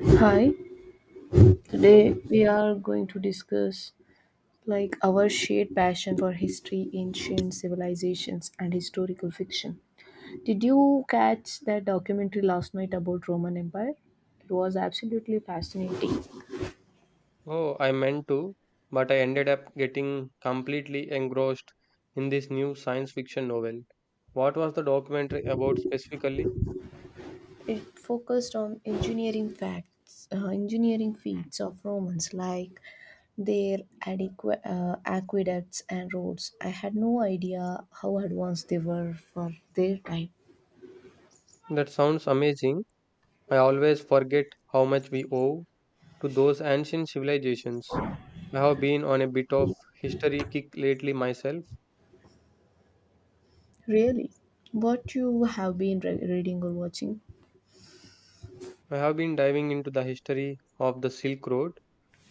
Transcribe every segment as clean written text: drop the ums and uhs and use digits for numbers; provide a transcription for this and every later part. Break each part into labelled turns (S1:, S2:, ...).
S1: Hi, today
S2: Hello.
S1: we are going to discuss like our shared passion for history, ancient civilizations, and historical fiction. Did you catch that documentary last night about Roman Empire? It was absolutely fascinating.
S2: Oh, I meant to, but I ended up getting completely engrossed in this new science fiction novel. What was the documentary about specifically?
S1: It focused on engineering facts, engineering feats of Romans like their aqueducts and roads. I had no idea how advanced they were for their time.
S2: That sounds amazing. I always forget how much we owe to those ancient civilizations. I have been on a bit of history kick lately myself.
S1: Really? What you have been reading or watching?
S2: I have been diving into the history of the Silk Road.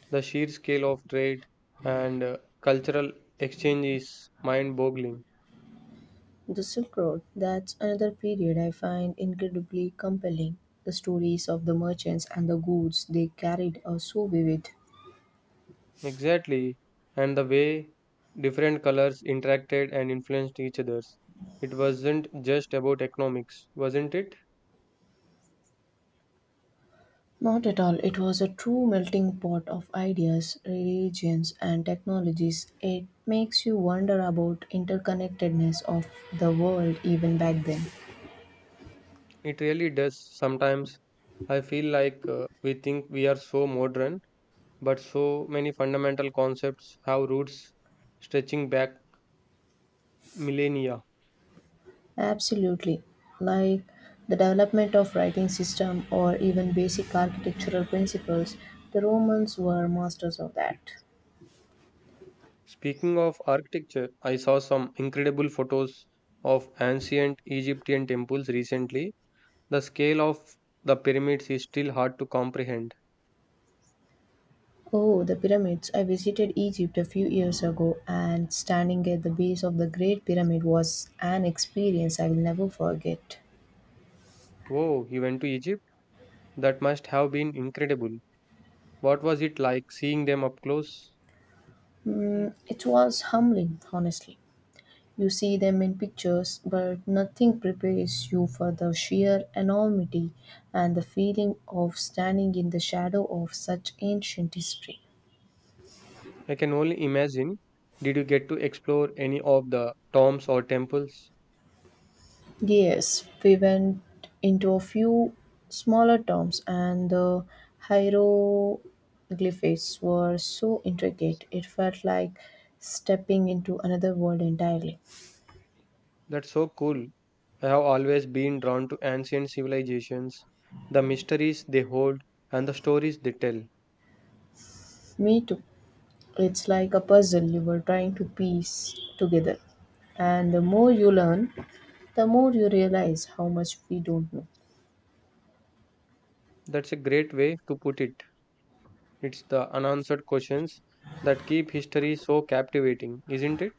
S2: The sheer scale of trade and cultural exchange is mind boggling.
S1: The Silk Road. That's another period I find incredibly compelling. The stories of the merchants and the goods they carried are so vivid.
S2: Exactly, and the way different colors interacted and influenced each other's. It wasn't just about economics, wasn't it?
S1: Not at all. It was a true melting pot of ideas, religions, and technologies. It makes you wonder about interconnectedness of the world even back then.
S2: It really does. Sometimes I feel like we think we are so modern, but so many fundamental concepts have roots stretching back millennia.
S1: Absolutely. Like the development of writing system or even basic architectural principles, the Romans were masters of that.
S2: Speaking of architecture, I saw some incredible photos of ancient Egyptian temples recently. The scale of the pyramids is still hard to comprehend.
S1: Oh, the pyramids. I visited Egypt a few years ago and standing at the base of the Great Pyramid was an experience I will never forget.
S2: Oh, you went to Egypt? That must have been incredible. What was it like seeing them up close?
S1: It was humbling, honestly. You see them in pictures, but nothing prepares you for the sheer enormity and the feeling of standing in the shadow of such ancient history.
S2: I can only imagine. Did you get to explore any of the tombs or temples?
S1: Yes, we went into a few smaller towns, and the hieroglyphics were so intricate it felt like stepping into another world entirely.
S2: That's so cool. I have always been drawn to ancient civilizations, the mysteries they hold, and the stories they tell.
S1: Me too. It's like a puzzle you were trying to piece together. And the more you learn, the more you realize how much we don't know.
S2: That's a great way to put it. It's the unanswered questions that keep history so captivating, isn't it?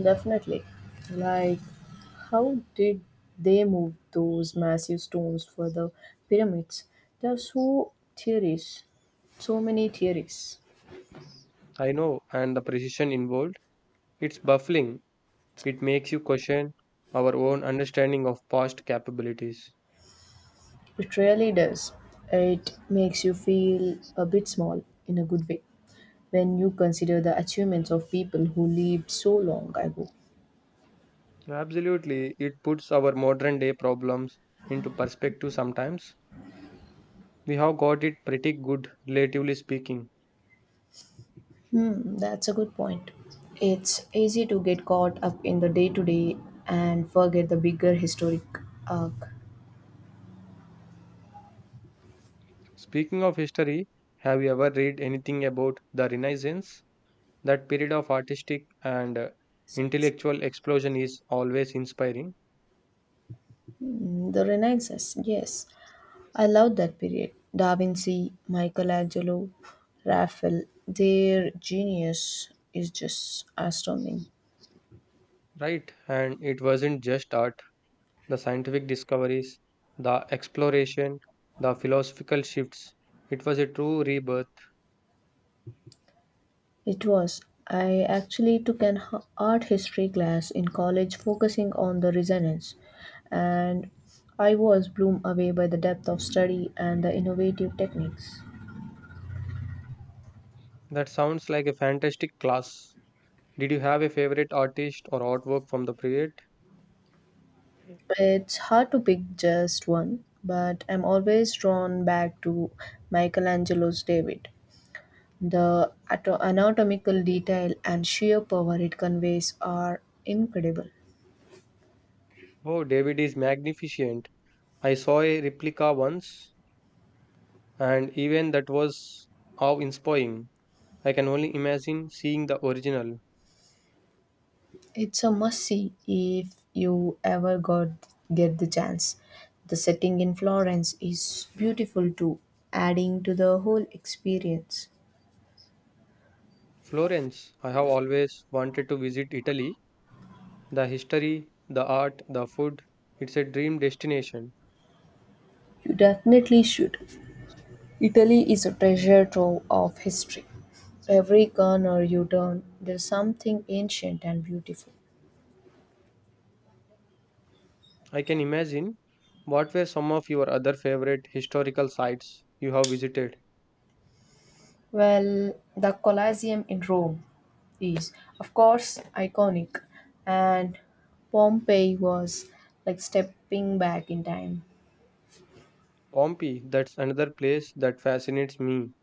S1: Definitely. Like, how did they move those massive stones for the pyramids? There are so theories, so many theories.
S2: I know, and the precision involved. It's baffling. It makes you question our own understanding of past capabilities.
S1: It really does. It makes you feel a bit small in a good way when you consider the achievements of people who lived so long ago.
S2: Absolutely, it puts our modern day problems into perspective sometimes. We have got it pretty good, relatively speaking.
S1: That's a good point. It's easy to get caught up in the day to day and forget the bigger historic arc.
S2: Speaking of history, have you ever read anything about the Renaissance? That period of artistic and intellectual explosion is always inspiring,
S1: The Renaissance, yes. I love that period. Da Vinci, Michelangelo, Raphael, their genius is just astounding.
S2: right? And it wasn't just art, the scientific discoveries, the exploration, the philosophical shifts. It was a true rebirth.
S1: It was. I actually took an art history class in college focusing on the resonance, and I was blown away by the depth of study and the innovative techniques.
S2: That sounds like a fantastic class. Did you have a favorite artist or artwork from the period?
S1: It's hard to pick just one, but I'm always drawn back to Michelangelo's David. The anatomical detail and sheer power it conveys are incredible.
S2: Oh, David is magnificent. I saw a replica once, and even that was awe inspiring. I can only imagine seeing the original.
S1: It's a must see if you ever got get the chance. The setting in Florence is beautiful too, adding to the whole experience.
S2: Florence, I have always wanted to visit Italy. The history, the art, the food, it's a dream destination.
S1: You definitely should. Italy is a treasure trove of history. Every corner you turn, there's something ancient and beautiful.
S2: I can imagine. What were some of your other favorite historical sites you have visited?
S1: Well, the Colosseum in Rome is, of course, iconic, and Pompeii was like stepping back in time.
S2: Pompeii, that's another place that fascinates me.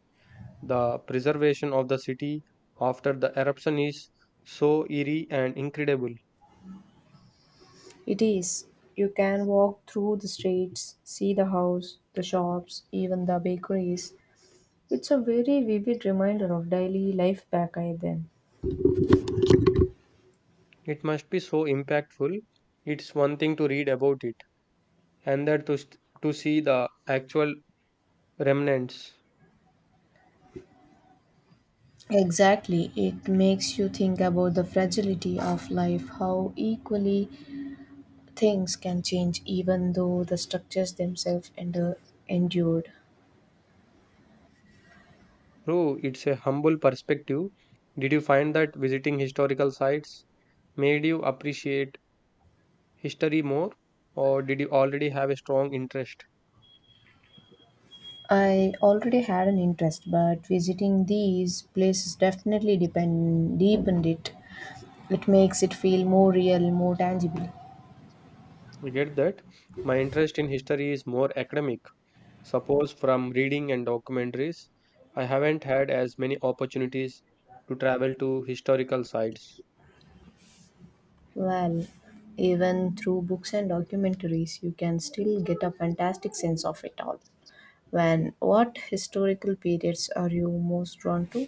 S2: The preservation of the city after the eruption is so eerie and incredible.
S1: It is. You can walk through the streets, see the house, the shops, even the bakeries. It's a very vivid reminder of daily life back I then.
S2: It must be so impactful. It's one thing to read about it, and that to see the actual remnants.
S1: Exactly. It makes you think about the fragility of life, how equally things can change even though the structures themselves endure, endured.
S2: True, it's a humble perspective. Did you find that visiting historical sites made you appreciate history more or did you already have a strong interest?
S1: I already had an interest, but visiting these places definitely depend, deepened it. It makes it feel more real, more tangible.
S2: You get that my interest in history is more academic, suppose from reading and documentaries. I haven't had as many opportunities to travel to historical sites.
S1: Well, even through books and documentaries, you can still get a fantastic sense of it all. When what historical periods are you most drawn to?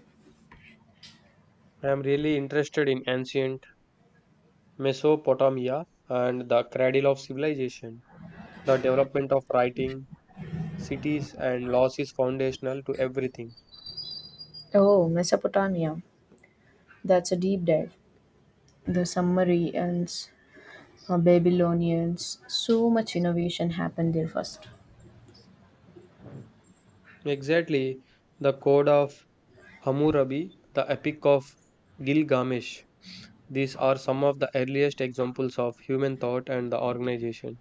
S2: I am really interested in ancient Mesopotamia and the cradle of civilization. The development of writing, cities, and laws is foundational to everything.
S1: Oh, Mesopotamia. That's a deep dive. The Sumerians, Babylonians, so much innovation happened there first.
S2: Exactly, the Code of Hammurabi, the Epic of Gilgamesh. These are some of the earliest examples of human thought and the organization,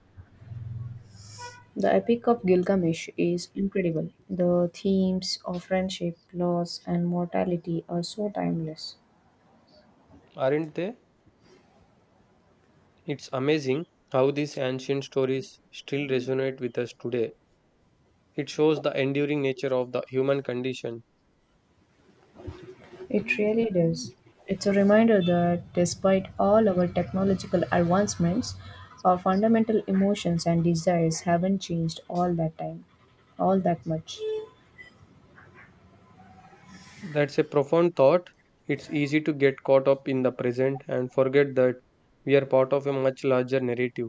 S1: The Epic of Gilgamesh is incredible. The themes of friendship, loss, and mortality are so timeless.
S2: aren't they? It's amazing how these ancient stories still resonate with us today. It shows the enduring nature of the human condition.
S1: It really does. It's a reminder that despite all our technological advancements, our fundamental emotions and desires haven't changed all that time, all that much.
S2: That's a profound thought. It's easy to get caught up in the present and forget that we are part of a much larger narrative.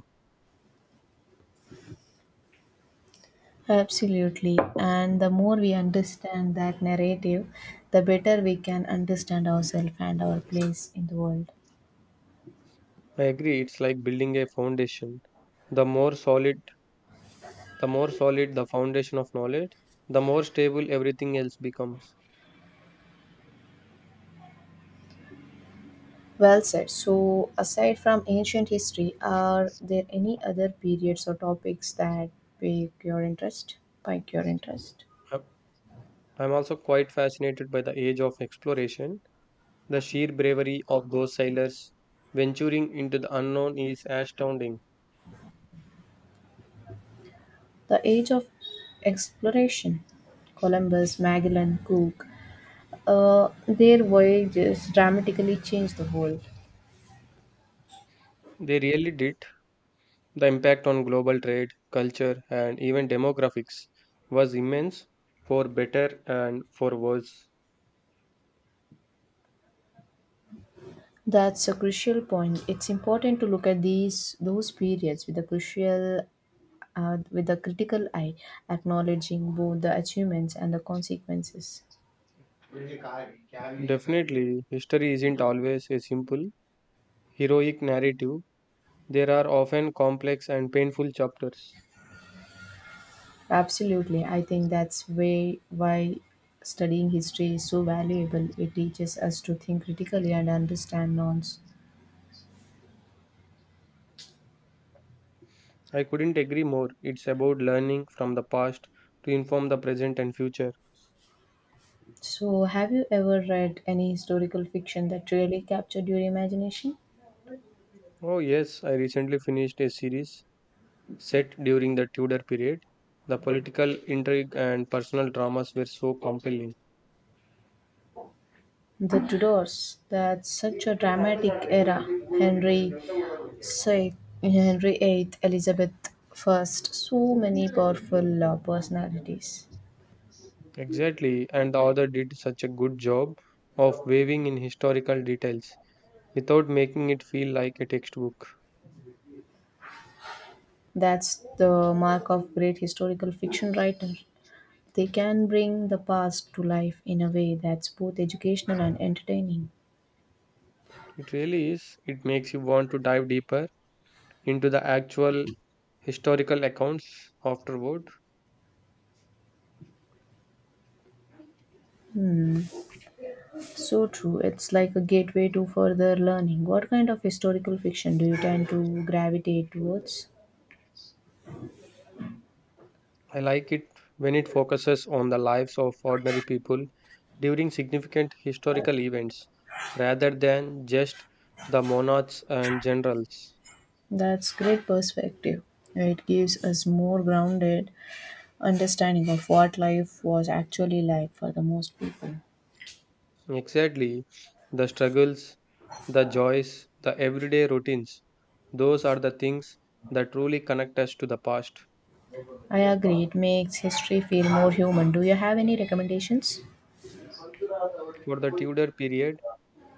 S1: Absolutely. And the more we understand that narrative, the better we can understand ourselves and our place in the world.
S2: I agree, it's like building a foundation. The more solid, the more solid the foundation of knowledge, the more stable everything else becomes.
S1: Well said. So, aside from ancient history, are there any other periods or topics that pique your interest? Pique your interest?
S2: Uh, I'm also quite fascinated by the age of exploration. The sheer bravery of those sailors venturing into the unknown is astounding.
S1: The Age of Exploration. Columbus, Magellan, Cook, their voyages dramatically changed the world.
S2: They really did. The impact on global trade, culture, and even demographics was immense, for better and for worse.
S1: That's a crucial point. It's important to look at these those periods with a crucial with a critical eye, acknowledging both the achievements and the consequences.
S2: Definitely, history isn't always a simple, heroic narrative. There are often complex and painful chapters.
S1: Absolutely, I think that's way why studying history is so valuable. It teaches us to think critically and understand norms.
S2: I couldn't agree more. It's about learning from the past to inform the present and future.
S1: So, have you ever read any historical fiction that really captured your imagination?
S2: Oh, yes, I recently finished a series set during the Tudor period. The political intrigue and personal dramas were so compelling.
S1: The Tudors, that's such a dramatic era. Henry VI, Henry VIII, Elizabeth I, so many powerful personalities.
S2: Exactly, and the author did such a good job of weaving in historical details without making it feel like a textbook.
S1: That's the mark of great historical fiction writer. They can bring the past to life in a way that's both educational and entertaining.
S2: It really is. It makes you want to dive deeper into the actual historical accounts afterward.
S1: So true. It's like a gateway to further learning. What kind of historical fiction do you tend to gravitate towards?
S2: I like it when it focuses on the lives of ordinary people during significant historical events rather than just the monarchs and generals.
S1: That's great perspective. It gives us more grounded understanding of what life was actually like for the most people.
S2: Exactly, the struggles, the joys, the everyday routines, those are the things that truly connect us to the past.
S1: I agree. It makes history feel more human. Do you have any recommendations?
S2: For the Tudor period,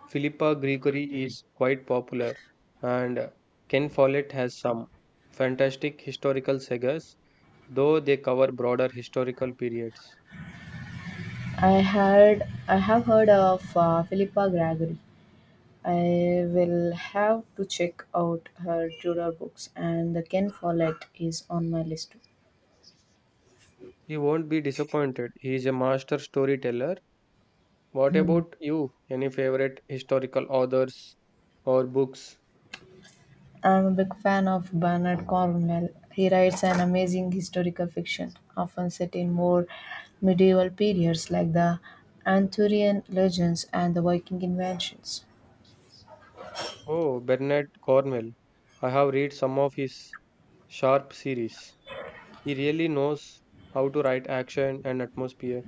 S2: Philippa Gregory is quite popular, and Ken Follett has some fantastic historical sagas, though they cover broader historical periods.
S1: I have heard of Philippa Gregory. I will have to check out her Tudor books, and the Ken Follett is on my list too.
S2: You won't be disappointed. He is a master storyteller. What about you? Any favorite historical authors or books?
S1: I'm a big fan of Bernard Cornwell. He writes an amazing historical fiction, often set in more medieval periods like the Arthurian legends and the Viking inventions.
S2: Oh, Bernard Cornwell. I have read some of his Sharp series. He really knows how to write action and atmosphere.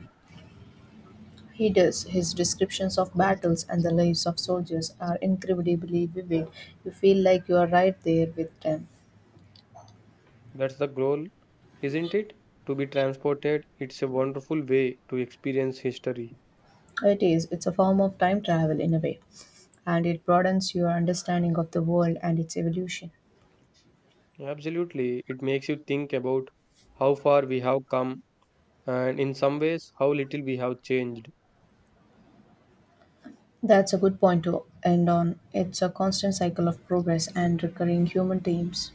S1: He does. His descriptions of battles and the lives of soldiers are incredibly vivid. You feel like you are right there with them.
S2: That's the goal isn't it? To be transported, it's a wonderful way to experience history.
S1: It is. It's a form of time travel in a way, and it broadens your understanding of the world and its evolution.
S2: Absolutely, it makes you think about how far we have come and in some ways how little we have changed.
S1: That's a good point to end on. It's a constant cycle of progress and recurring human themes.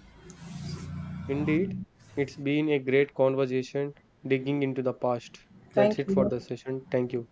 S2: Indeed, it's been a great conversation digging into the past. That's
S1: Thank
S2: it for
S1: you.
S2: the session. Thank you.